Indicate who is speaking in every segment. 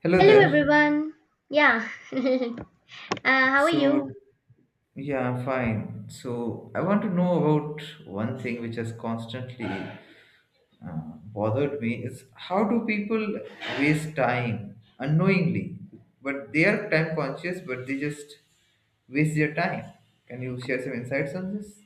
Speaker 1: Hello
Speaker 2: Hello
Speaker 1: there.
Speaker 2: everyone. Yeah. How are
Speaker 1: So,
Speaker 2: you?
Speaker 1: yeah, I'm fine. So, I want to know about one thing which has constantly bothered me is how do people waste time unknowingly? But they are time conscious, but they just waste their time. Can you share some insights on this?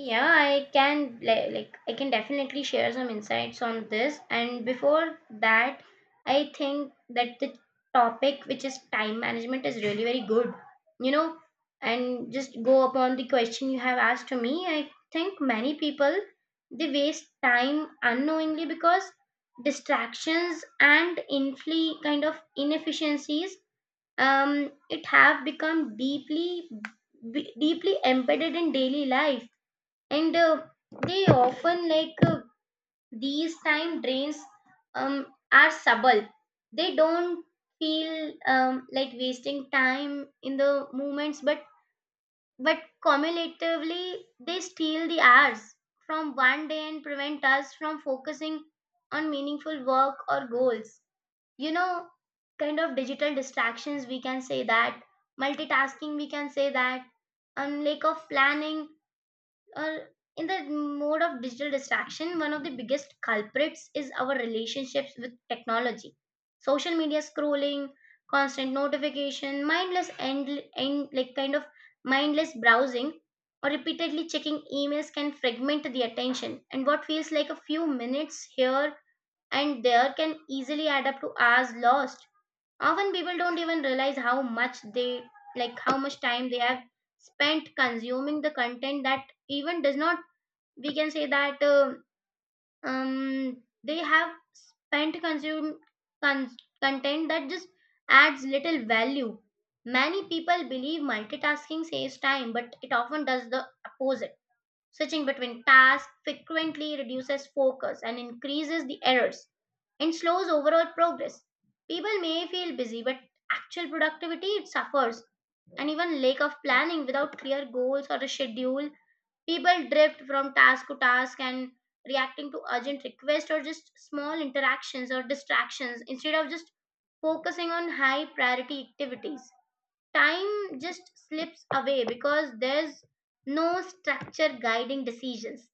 Speaker 2: Yeah, I can like I can definitely share some insights on this. And before that, I think that the topic which is time management is really very good. You know, and just go upon the question you have asked to me. I think many people they waste time unknowingly because distractions and infli kind of inefficiencies it have become deeply deeply embedded in daily life and they often these time drains um, are subtle, they don't feel like wasting time in the moments, but cumulatively they steal the hours from one day and prevent us from focusing on meaningful work or goals, you know, kind of digital distractions we can say that, multitasking we can say that, lack of planning or in the mode of digital distraction, one of the biggest culprits is our relationships with technology, social media scrolling, constant notification, mindless and like kind of mindless browsing or repeatedly checking emails can fragment the attention, and what feels like a few minutes here and there can easily add up to hours lost. Often people don't even realize how much they like how much time they have spent consuming the content that even does not, we can say that, they have spent con- content that just adds little value. Many people believe multitasking saves time, but it often does the opposite. Switching between tasks frequently reduces focus and increases the errors and slows overall progress. People may feel busy, but actual productivity it suffers, and even lack of planning without clear goals or a schedule. People drift from task to task and reacting to urgent requests or just small interactions or distractions instead of just focusing on high priority activities. Time just slips away because there's no structure guiding decisions.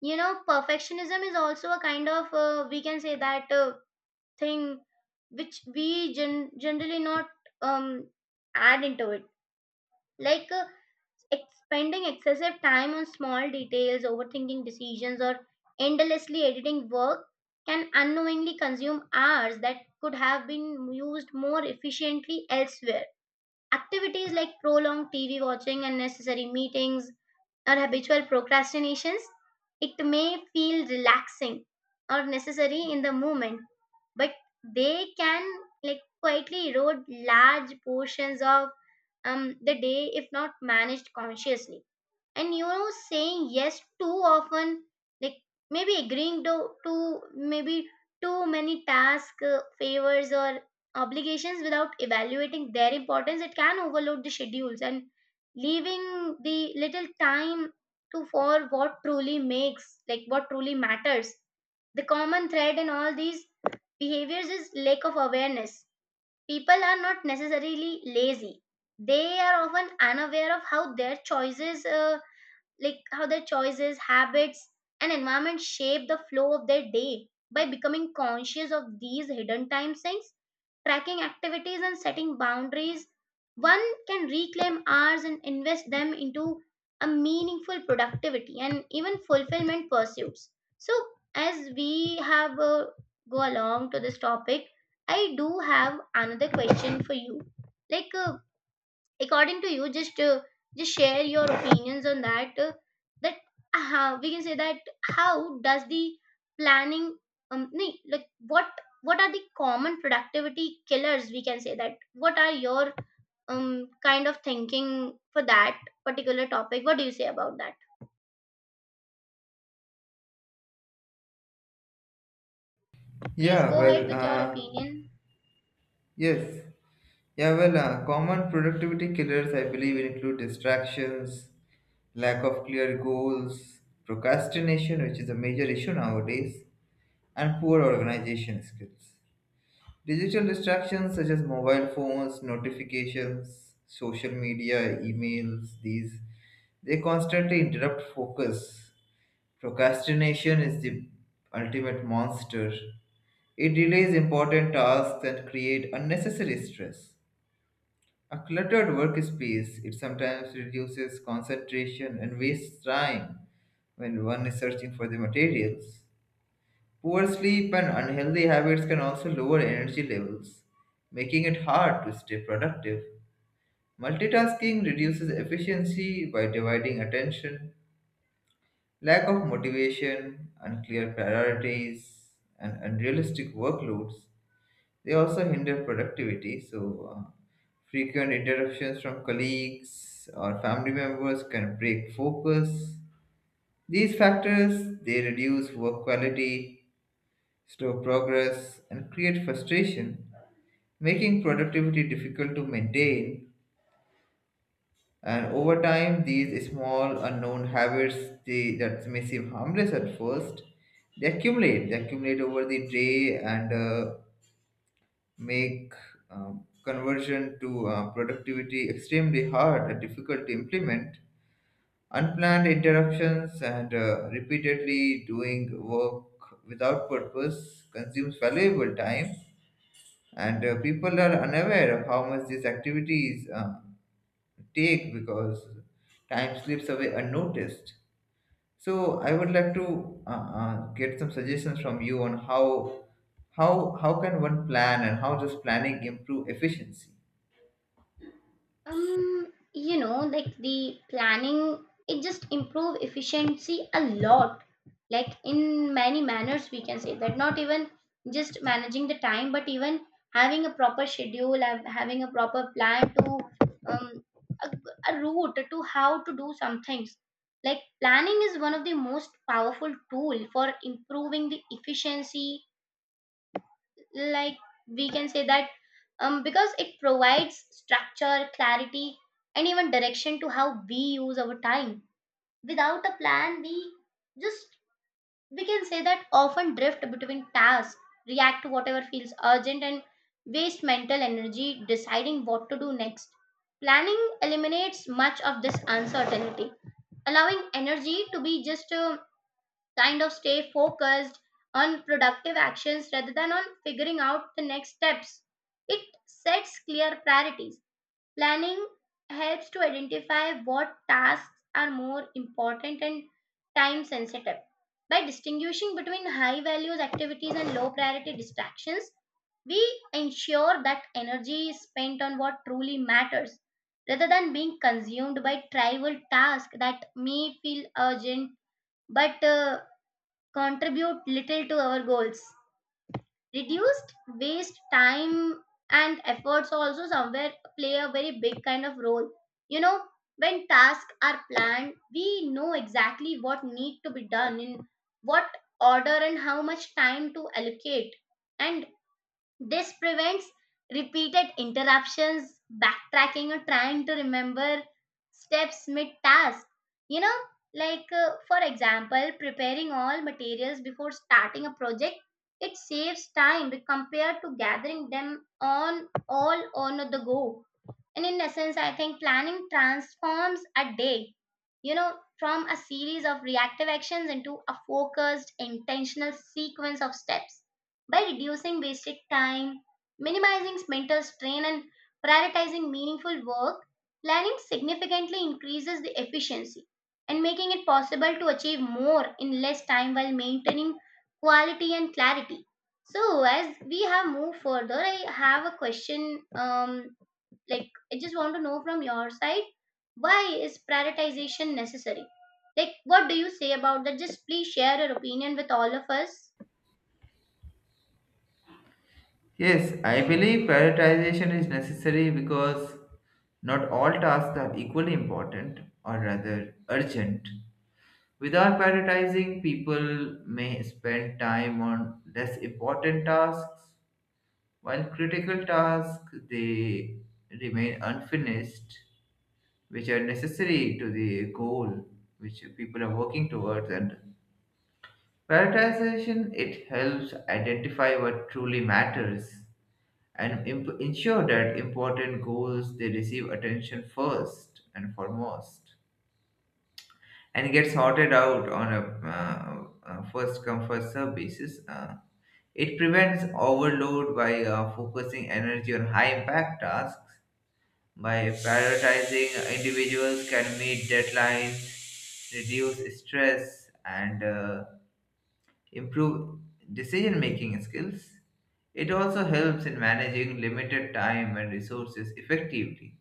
Speaker 2: You know, perfectionism is also a kind of, we can say that. Thing which we generally not um, add into it, like uh, spending excessive time on small details, overthinking decisions, or endlessly editing work can unknowingly consume hours that could have been used more efficiently elsewhere. Activities like prolonged tv watching, unnecessary meetings, or habitual procrastinations, it may feel relaxing or necessary in the moment, but they can like quietly erode large portions of the day if not managed consciously. And you know, saying yes too often, like maybe agreeing to maybe too many tasks, favors, or obligations without evaluating their importance, it can overload the schedules and leaving the little time to for what truly makes like what truly matters. The common thread in all these behaviors is lack of awareness. People are not necessarily lazy. They are often unaware of how their choices, habits, and environment shape the flow of their day. By becoming conscious of these hidden time sinks, tracking activities, and setting boundaries, one can reclaim hours and invest them into a meaningful productivity and even fulfillment pursuits. So, as we have go along to this topic, I do have another question for you. Like, according to you, just share your opinions on that, that how we can say that, how does the planning um nee- like what what are the common productivity killers, we can say that, what are your um kind of thinking for that particular topic? What do you say about that? Please
Speaker 1: Yeah,
Speaker 2: go ahead
Speaker 1: well,
Speaker 2: with your opinion.
Speaker 1: yes. Common productivity killers, I believe, include distractions, lack of clear goals, procrastination, which is a major issue nowadays, and poor organization skills. Digital distractions such as mobile phones, notifications, social media, emails, these they constantly interrupt focus. Procrastination is the ultimate monster. It delays important tasks and create unnecessary stress. A cluttered workspace, it sometimes reduces concentration and wastes time when one is searching for the materials. Poor sleep and unhealthy habits can also lower energy levels, making it hard to stay productive. Multitasking reduces efficiency by dividing attention, lack of motivation, unclear priorities, and unrealistic workloads. They also hinder productivity, so frequent interruptions from colleagues or family members can break focus. These factors they reduce work quality, slow progress, and create frustration, making productivity difficult to maintain. And over time, these small unknown habits that may seem harmless at first, they accumulate. They accumulate over the day and make conversion to productivity extremely hard and difficult to implement. Unplanned interruptions and repeatedly doing work without purpose consumes valuable time, and people are unaware of how much these activities take because time slips away unnoticed. So I would like to get some suggestions from you on how can one plan and how does planning improve efficiency?
Speaker 2: You know, like the planning, it just improve efficiency a lot, like in many manners we can say that, not even just managing the time, but even having a proper schedule and having a proper plan to, um a, a route to how to do some things. Like planning is one of the most powerful tool for improving the efficiency, like we can say that, because it provides structure, clarity, and even direction to how we use our time. Without a plan, we just, we can say that, often drift between tasks, react to whatever feels urgent, and waste mental energy deciding what to do next. Planning eliminates much of this uncertainty, allowing energy to be just kind of stay focused on productive actions rather than on figuring out the next steps. It sets clear priorities. Planning helps to identify what tasks are more important and time sensitive. By distinguishing between high values activities and low priority distractions, we ensure that energy is spent on what truly matters rather than being consumed by trivial tasks that may feel urgent but contribute little to our goals. Reduced waste time and efforts also somewhere play a very big kind of role. You know, when tasks are planned, we know exactly what need to be done in what order and how much time to allocate. And this prevents repeated interruptions, backtracking, or trying to remember steps mid task. You know, like for example, preparing all materials before starting a project, it saves time compared to gathering them on all on the go. And in essence, I think planning transforms a day, you know, from a series of reactive actions into a focused, intentional sequence of steps. By reducing wasted time, minimizing mental strain, and prioritizing meaningful work, planning significantly increases the efficiency and making it possible to achieve more in less time while maintaining quality and clarity. So, as we have moved further, I have a question. Like I just want to know from your side, why is prioritization necessary? Like what do you say about that? Just please share your opinion with all of us.
Speaker 1: Yes, I believe prioritization is necessary because not all tasks are equally important or rather urgent. Without prioritizing, people may spend time on less important tasks, while critical tasks they remain unfinished, which are necessary to the goal which people are working towards. And prioritization it helps identify what truly matters and ensure that important goals they receive attention first and foremost and get sorted out on a first come first serve basis. It prevents overload by focusing energy on high impact tasks. By prioritizing, individuals can meet deadlines, reduce stress, and improve decision making skills. It also helps in managing limited time and resources effectively.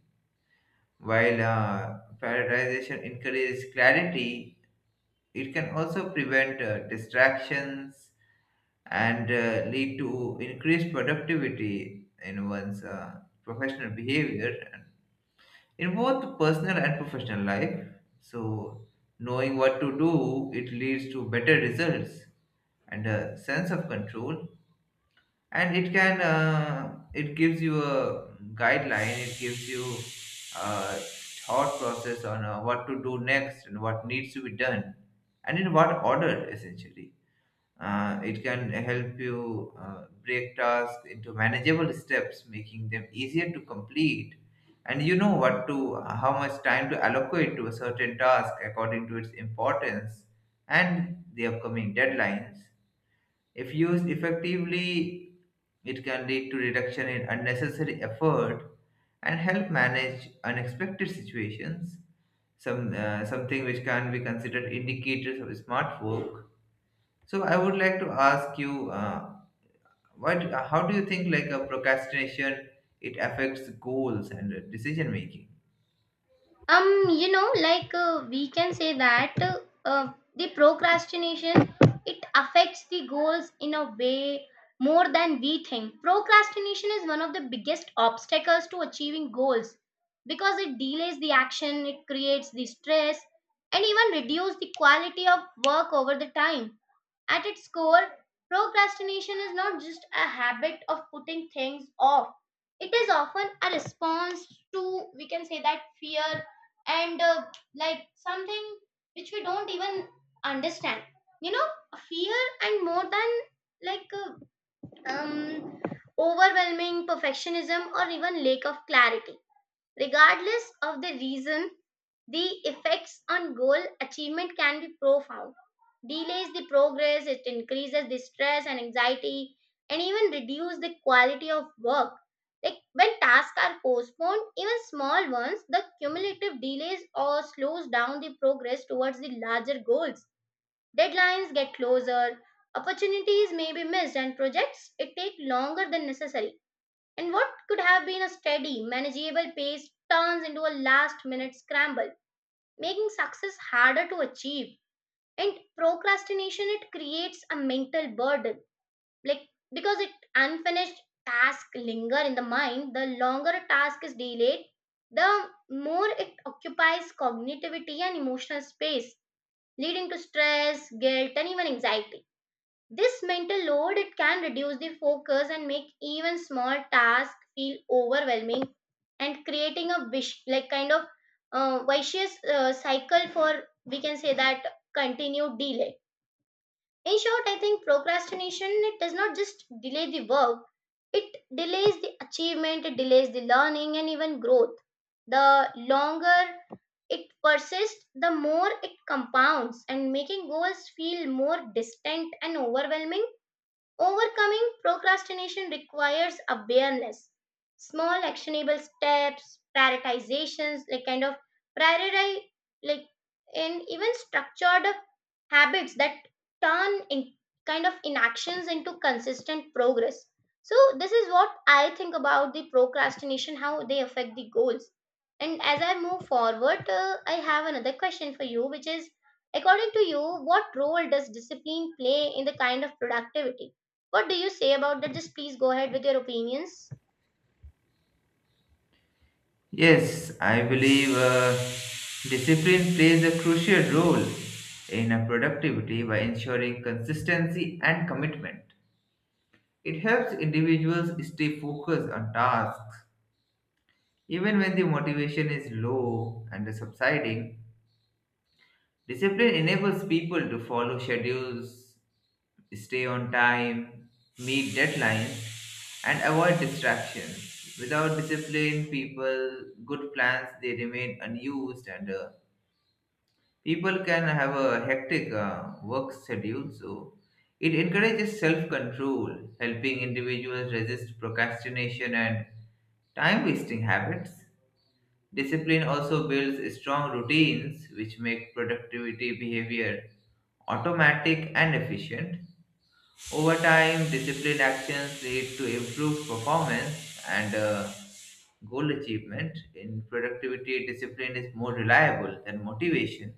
Speaker 1: While prioritization encourages clarity, it can also prevent distractions and lead to increased productivity in one's professional behavior and in both personal and professional life. So, knowing what to do, it leads to better results and a sense of control, and it can, it gives you a guideline, it gives you a thought process on what to do next and what needs to be done and in what order. Essentially, it can help you break tasks into manageable steps, making them easier to complete, and you know what to how much time to allocate to a certain task according to its importance and the upcoming deadlines. If used effectively, it can lead to reduction in unnecessary effort and help manage unexpected situations, some, something which can be considered indicators of smart work. So I would like to ask you, what, how do you think, like, a procrastination, it affects goals and decision making?
Speaker 2: You know, like we can say that the procrastination, it affects the goals in a way more than we think. Procrastination is one of the biggest obstacles to achieving goals because it delays the action, it creates the stress, and even reduce the quality of work over the time. At its core, procrastination is not just a habit of putting things off. It is often a response to, we can say that, fear and like something which we don't even understand. You know, fear and more than like uh, um, overwhelming perfectionism or even lack of clarity. Regardless of the reason, the effects on goal achievement can be profound. Delays the progress, it increases the stress and anxiety, and even reduce the quality of work. Like when tasks are postponed, even small ones, the cumulative delays or slows down the progress towards the larger goals. Deadlines get closer, opportunities may be missed, and projects it take longer than necessary, and what could have been a steady, manageable pace turns into a last minute scramble, making success harder to achieve. And procrastination, it creates a mental burden, like because it unfinished tasks linger in the mind. The longer a task is delayed, the more it occupies cognitivity and emotional space, leading to stress, guilt, and even anxiety. This mental load it can reduce the focus and make even small tasks feel overwhelming and creating a wish like kind of vicious cycle for, we can say that, continued delay. In short, I think procrastination, it does not just delay the work, it delays the achievement, it delays the learning and even growth. The longer it persists, the more it compounds and making goals feel more distant and overwhelming. Overcoming procrastination requires awareness, small actionable steps, prioritizations, like kind of prioritize, like and even structured habits that turn in kind of inactions into consistent progress. So this is what I think about the procrastination, how they affect the goals. And as I move forward, I have another question for you, which is, according to you, what role does discipline play in the kind of productivity? What do you say about that? Just please go ahead with your opinions.
Speaker 1: Yes, I believe discipline plays a crucial role in a productivity by ensuring consistency and commitment. It helps individuals stay focused on tasks even when the motivation is low and subsiding. Discipline enables people to follow schedules, stay on time, meet deadlines, and avoid distractions. Without discipline, people, good plans they remain unused, and people can have a hectic work schedule, so it encourages self control, helping individuals resist procrastination and time wasting habits. Discipline also builds strong routines which make productivity behavior automatic and efficient. Over time, disciplined actions lead to improved performance and goal achievement. In productivity, discipline is more reliable than motivation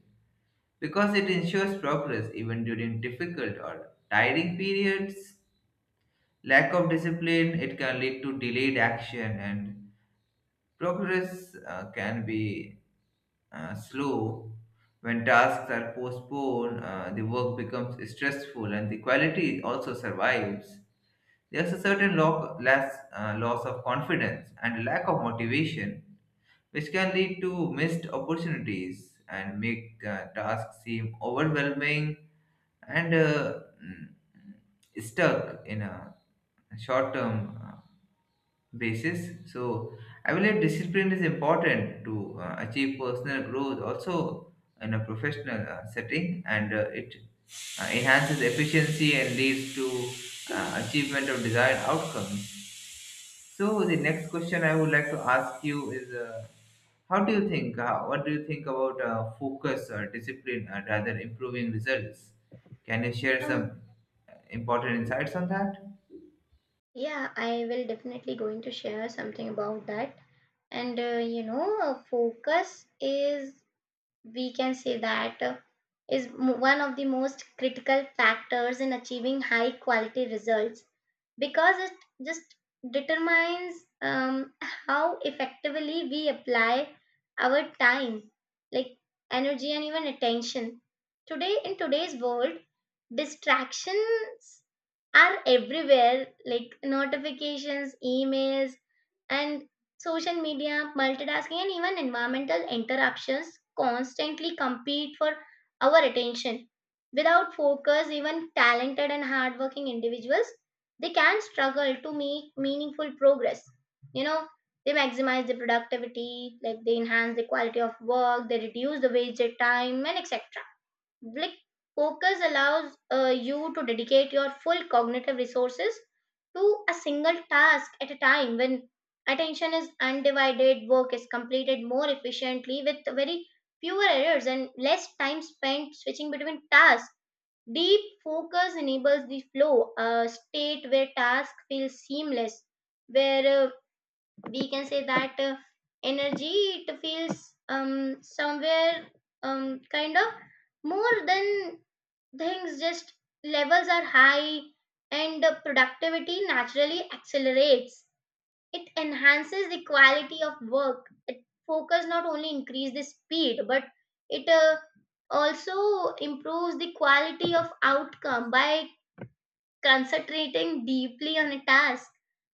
Speaker 1: because it ensures progress even during difficult or tiring periods. Lack of discipline it can lead to delayed action, and progress can be slow. When tasks are postponed, the work becomes stressful and the quality also survives. There's a certain less, loss of confidence and lack of motivation, which can lead to missed opportunities and make tasks seem overwhelming and stuck in a short term basis. So I believe discipline is important to achieve personal growth also in a professional setting, and it enhances efficiency and leads to achievement of desired outcomes. So the next question I would like to ask you is, how do you think? What do you think about focus or discipline rather improving results? Can you share some
Speaker 2: Um,
Speaker 1: important insights on that?
Speaker 2: yeah, I will definitely going to share something about that. Focus is, we can say that one of the most critical factors in achieving high quality results, because it just determines how effectively we apply our time, like energy, and even attention. Today in today's world, distractions are everywhere, like notifications, emails, and social media, multitasking, and even environmental interruptions constantly compete for our attention. Without focus, even talented and hardworking individuals, they can struggle to make meaningful progress. you know they maximize their productivity, like they enhance the quality of work, they reduce the wasted time, and etc. like Focus allows you to dedicate your full cognitive resources to a single task at a time. When attention is undivided, work is completed more efficiently with very fewer errors and less time spent switching between tasks. Deep focus enables the flow, a state where task feels seamless, where, we can say that energy, it feels somewhere, kind of more than things. Just levels are high, and the productivity naturally accelerates. It enhances the quality of work. It Focus not only increase the speed, but it also improves the quality of outcome by concentrating deeply on a task.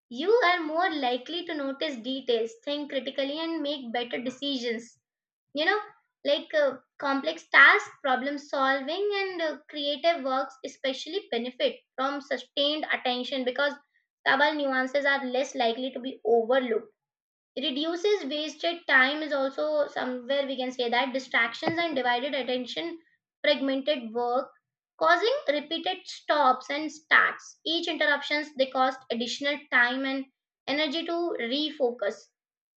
Speaker 2: You are more likely to notice details, think critically, and make better decisions. You know, complex task, problem solving, and creative works especially benefit from sustained attention because subtle nuances are less likely to be overlooked. Reduces wasted time is also somewhere, we can say that distractions and divided attention, fragmented work, causing repeated stops and starts. Each interruptions, they cost additional time and energy to refocus.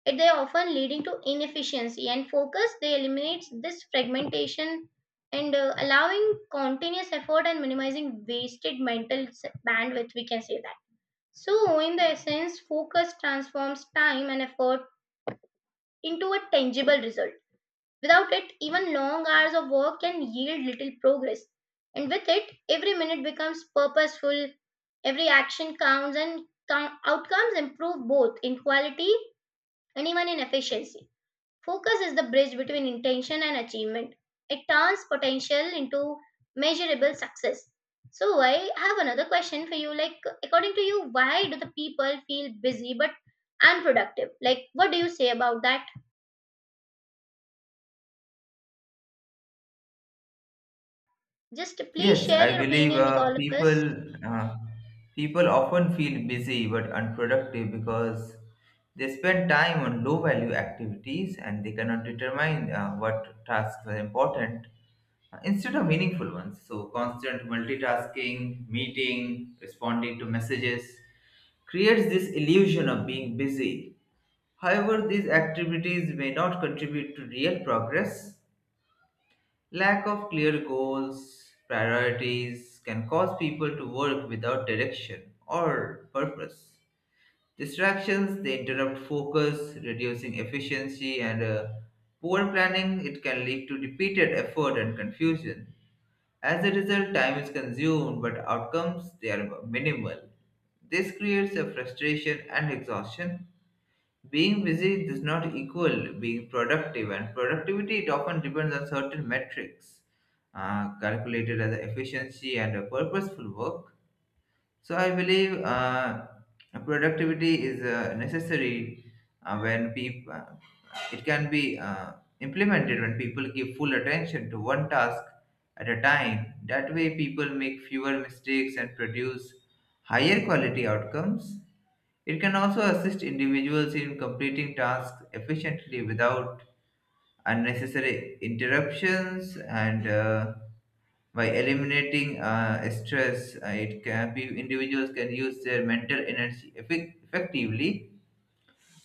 Speaker 2: It they often leading to inefficiency, and focus, they eliminates this fragmentation and allowing continuous effort and minimizing wasted bandwidth, we can say that. So in the essence, focus transforms time and effort into a tangible result. Without it, even long hours of work can yield little progress. And with it, every minute becomes purposeful, every action counts, and outcomes improve both in quality and even in efficiency. Focus is the bridge between intention and achievement. It turns potential into measurable success. So, I have another question for you. Like, according to you, why do the people feel busy but unproductive? Like, what do you say about that? Just please
Speaker 1: Yes,
Speaker 2: share
Speaker 1: I
Speaker 2: your
Speaker 1: believe
Speaker 2: opinion with all of us.
Speaker 1: people often feel busy but unproductive because they spend time on low value activities and they cannot determine what tasks are important instead of meaningful ones. So constant multitasking, meeting, responding to messages creates this illusion of being busy. However, these activities may not contribute to real progress. Lack of clear goals, priorities can cause people to work without direction or purpose. Distractions, they interrupt focus, reducing efficiency, and poor planning, it can lead to repeated effort and confusion. As a result, time is consumed, but outcomes, they are minimal. This creates a frustration and exhaustion. Being busy does not equal being productive, and productivity it often depends on certain metrics calculated as efficiency and a purposeful work. So I believe productivity is necessary when people, it can be implemented when people give full attention to one task at a time. That way, people make fewer mistakes and produce higher quality outcomes. It can also assist individuals in completing tasks efficiently without unnecessary interruptions, and by eliminating stress, it can be individuals can use their mental energy effectively.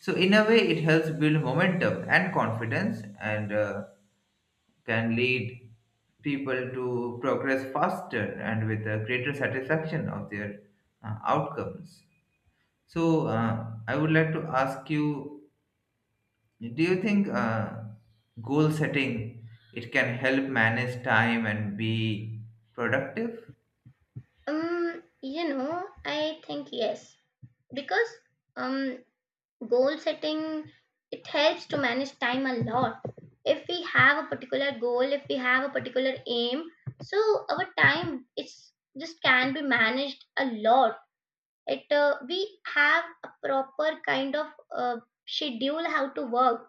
Speaker 1: So in a way it helps build momentum and confidence, and can lead people to progress faster and with a greater satisfaction of their outcomes. So I would like to ask you, yeah, do you think goal setting it can help manage time and be productive?
Speaker 2: I think yes, because, um, goal setting, it helps to manage time a lot. If we have a particular goal, if we have a particular aim, so our time, it's just can be managed a lot. It We have a proper kind of uh, schedule how to work.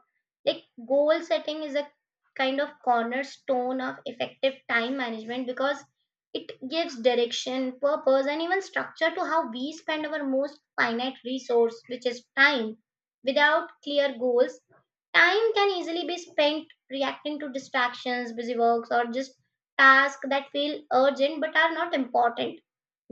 Speaker 2: Like goal setting is a kind of cornerstone of effective time management, because it gives direction, purpose, and even structure to how we spend our most finite resource, which is time. Without clear goals, time can easily be spent reacting to distractions, busy works, or just tasks that feel urgent but are not important.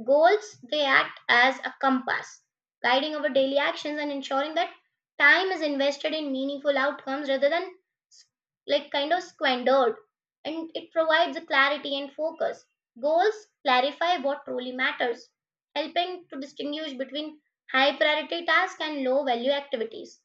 Speaker 2: Goals, they act as a compass, guiding our daily actions and ensuring that time is invested in meaningful outcomes rather than s- kind of squandered. And it provides a clarity and focus. Goals clarify what truly matters, helping to distinguish between high priority tasks and low value activities.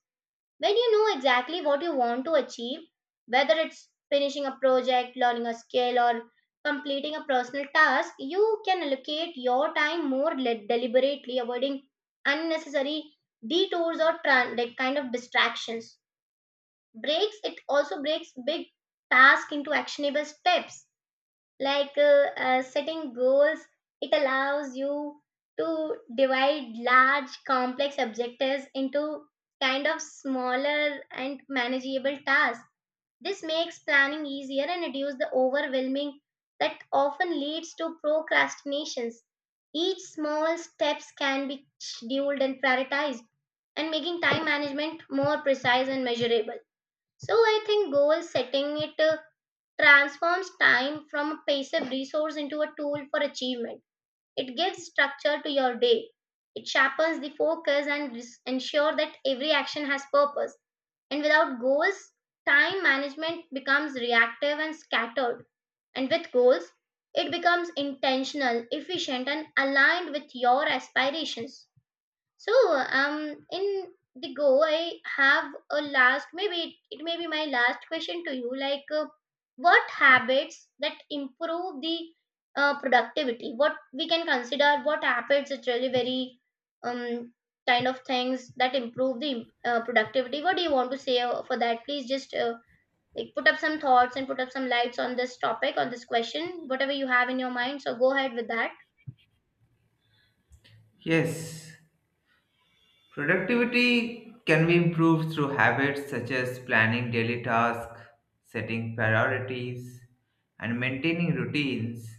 Speaker 2: When you know exactly what you want to achieve, whether it's finishing a project, learning a skill, or completing a personal task, you can allocate your time more deliberately, avoiding unnecessary detours or kind of distractions. Breaks it also breaks big tasks into actionable steps. Setting goals, it allows you to divide large complex objectives into kind of smaller and manageable tasks. This makes planning easier and reduce the overwhelming that often leads to procrastinations. Each small steps can be scheduled and prioritized, and making time management more precise and measurable. So I think goal setting, it transforms time from a passive resource into a tool for achievement. It gives structure to your day. It sharpens the focus and ensure that every action has purpose. And without goals, time management becomes reactive and scattered. And with goals, it becomes intentional, efficient, and aligned with your aspirations. So, I have a last. Maybe it may be my last question to you. Like, what habits that improve the productivity? What we can consider? What habits is really very um kind of things that improve the productivity? What do you want to say for that? Please just put up some thoughts and put up some lights on this topic, on this question. Whatever you have in your mind, so go ahead with that.
Speaker 1: Yes, productivity can be improved through habits such as planning daily tasks, setting priorities, and maintaining routines.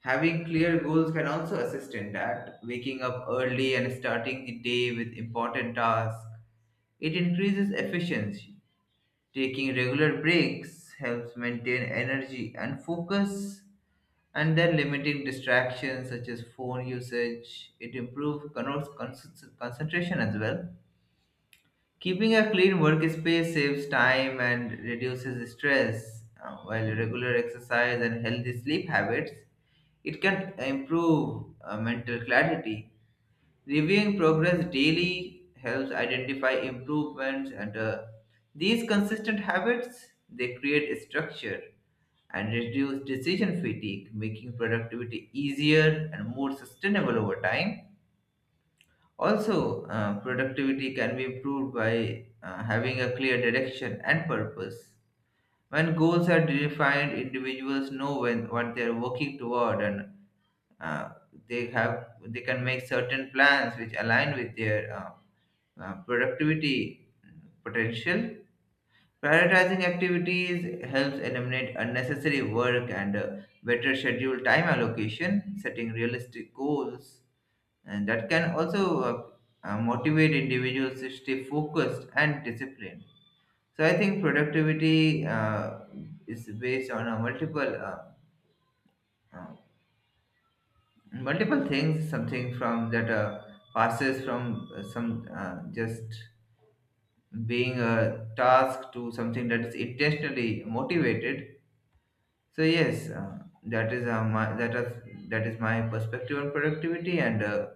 Speaker 1: Having clear goals can also assist in that. Waking up early and starting the day with important tasks, it increases efficiency. Taking regular breaks helps maintain energy and focus, and then limiting distractions such as phone usage. It improves con- concentration as well. Keeping a clean workspace saves time and reduces stress, while regular exercise and healthy sleep habits it can improve mental clarity. Reviewing progress daily helps identify improvements, and these consistent habits they create structure and reduce decision fatigue, making productivity easier and more sustainable over time. Also, productivity can be improved by having a clear direction and purpose. When goals are defined, individuals know when what they are working toward, and uh, they can make certain plans which align with their productivity potential. Prioritizing activities helps eliminate unnecessary work, and better schedule time allocation, setting realistic goals, and that can also motivate individuals to stay focused and disciplined. So I think productivity is based on a uh, multiple things, something from that passes from some, just being a task to something that is intentionally motivated. So yes, that is uh, my that is that is my perspective on productivity, and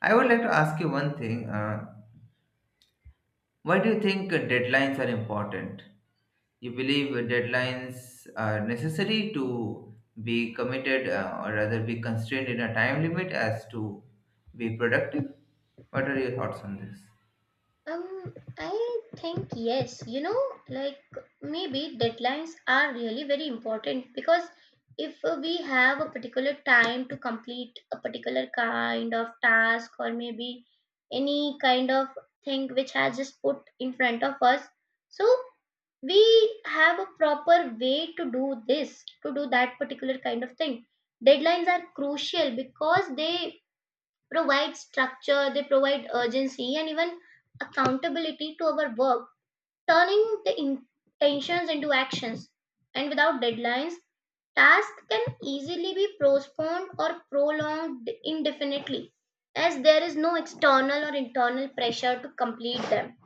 Speaker 1: I would like to ask you one thing. Why do you think deadlines are important? You believe deadlines are necessary to be committed, or rather be constrained in a time limit as to be productive? What are your thoughts on this?
Speaker 2: I think yes. You know, like maybe deadlines are really very important, because if we have a particular time to complete a particular kind of task, or maybe any kind of thing which has just put in front of us, so we have a proper way to do this, to do that particular kind of thing. Deadlines are crucial because they provide structure, they provide urgency, and even accountability to our work, turning the intentions into actions. And without deadlines, tasks can easily be postponed or prolonged indefinitely, as there is no external or internal pressure to complete them.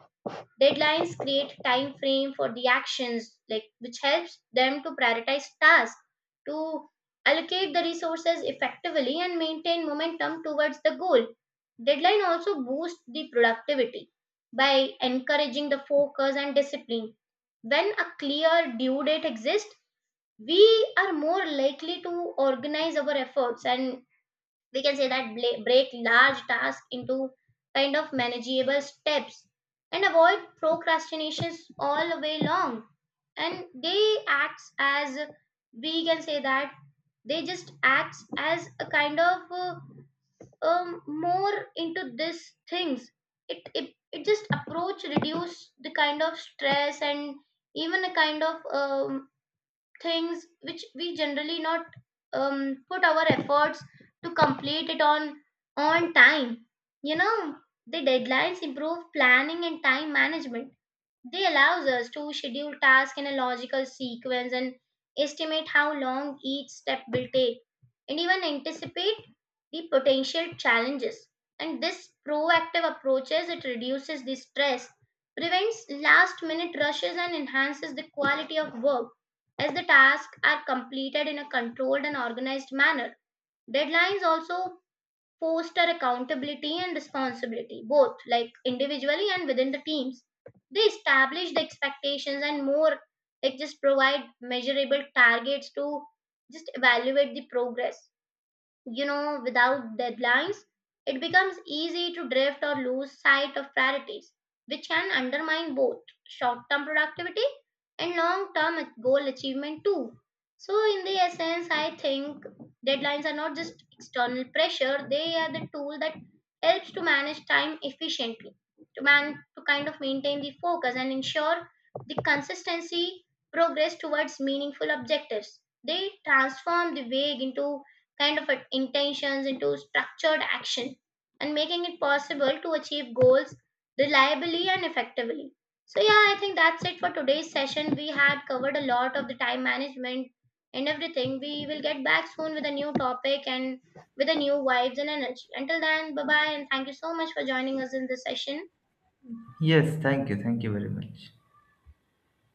Speaker 2: Deadlines create time frame for the actions, like which helps them to prioritize tasks, to allocate the resources effectively, and maintain momentum towards the goal. Deadline also boosts the productivity by encouraging the focus and discipline. When a clear due date exists, we are more likely to organize our efforts and we can say that break large tasks into kind of manageable steps and avoid procrastinations all the way long. And they acts as, we can say that, they just acts as a kind of, more into this things. It just approach reduce the kind of stress and even a kind of, things which we generally not put our efforts to complete it on time. You know, the deadlines improve planning and time management. They allows us to schedule tasks in a logical sequence and estimate how long each step will take, and even anticipate the potential challenges. And this proactive approaches, it reduces the stress, prevents last minute rushes, and enhances the quality of work as the tasks are completed in a controlled and organized manner. Deadlines also foster accountability and responsibility, both like individually and within the teams. They establish the expectations, and more like just provide measurable targets to just evaluate the progress. You know, without deadlines, it becomes easy to drift or lose sight of priorities, which can undermine both short term productivity and long term goal achievement, too. So, in the essence, I think deadlines are not just external pressure, they are the tool that helps to manage time efficiently, to, to kind of maintain the focus and ensure the consistency progress towards meaningful objectives. They transform the vague into kind of intentions into structured action, and making it possible to achieve goals reliably and effectively. So, yeah, I think that's it for today's session. We had covered a lot of the time management and everything. We will get back soon with a new topic and with a new vibes and energy. Until then, bye bye, and thank you so much for joining us in this session.
Speaker 1: Yes, thank you. Thank you very much.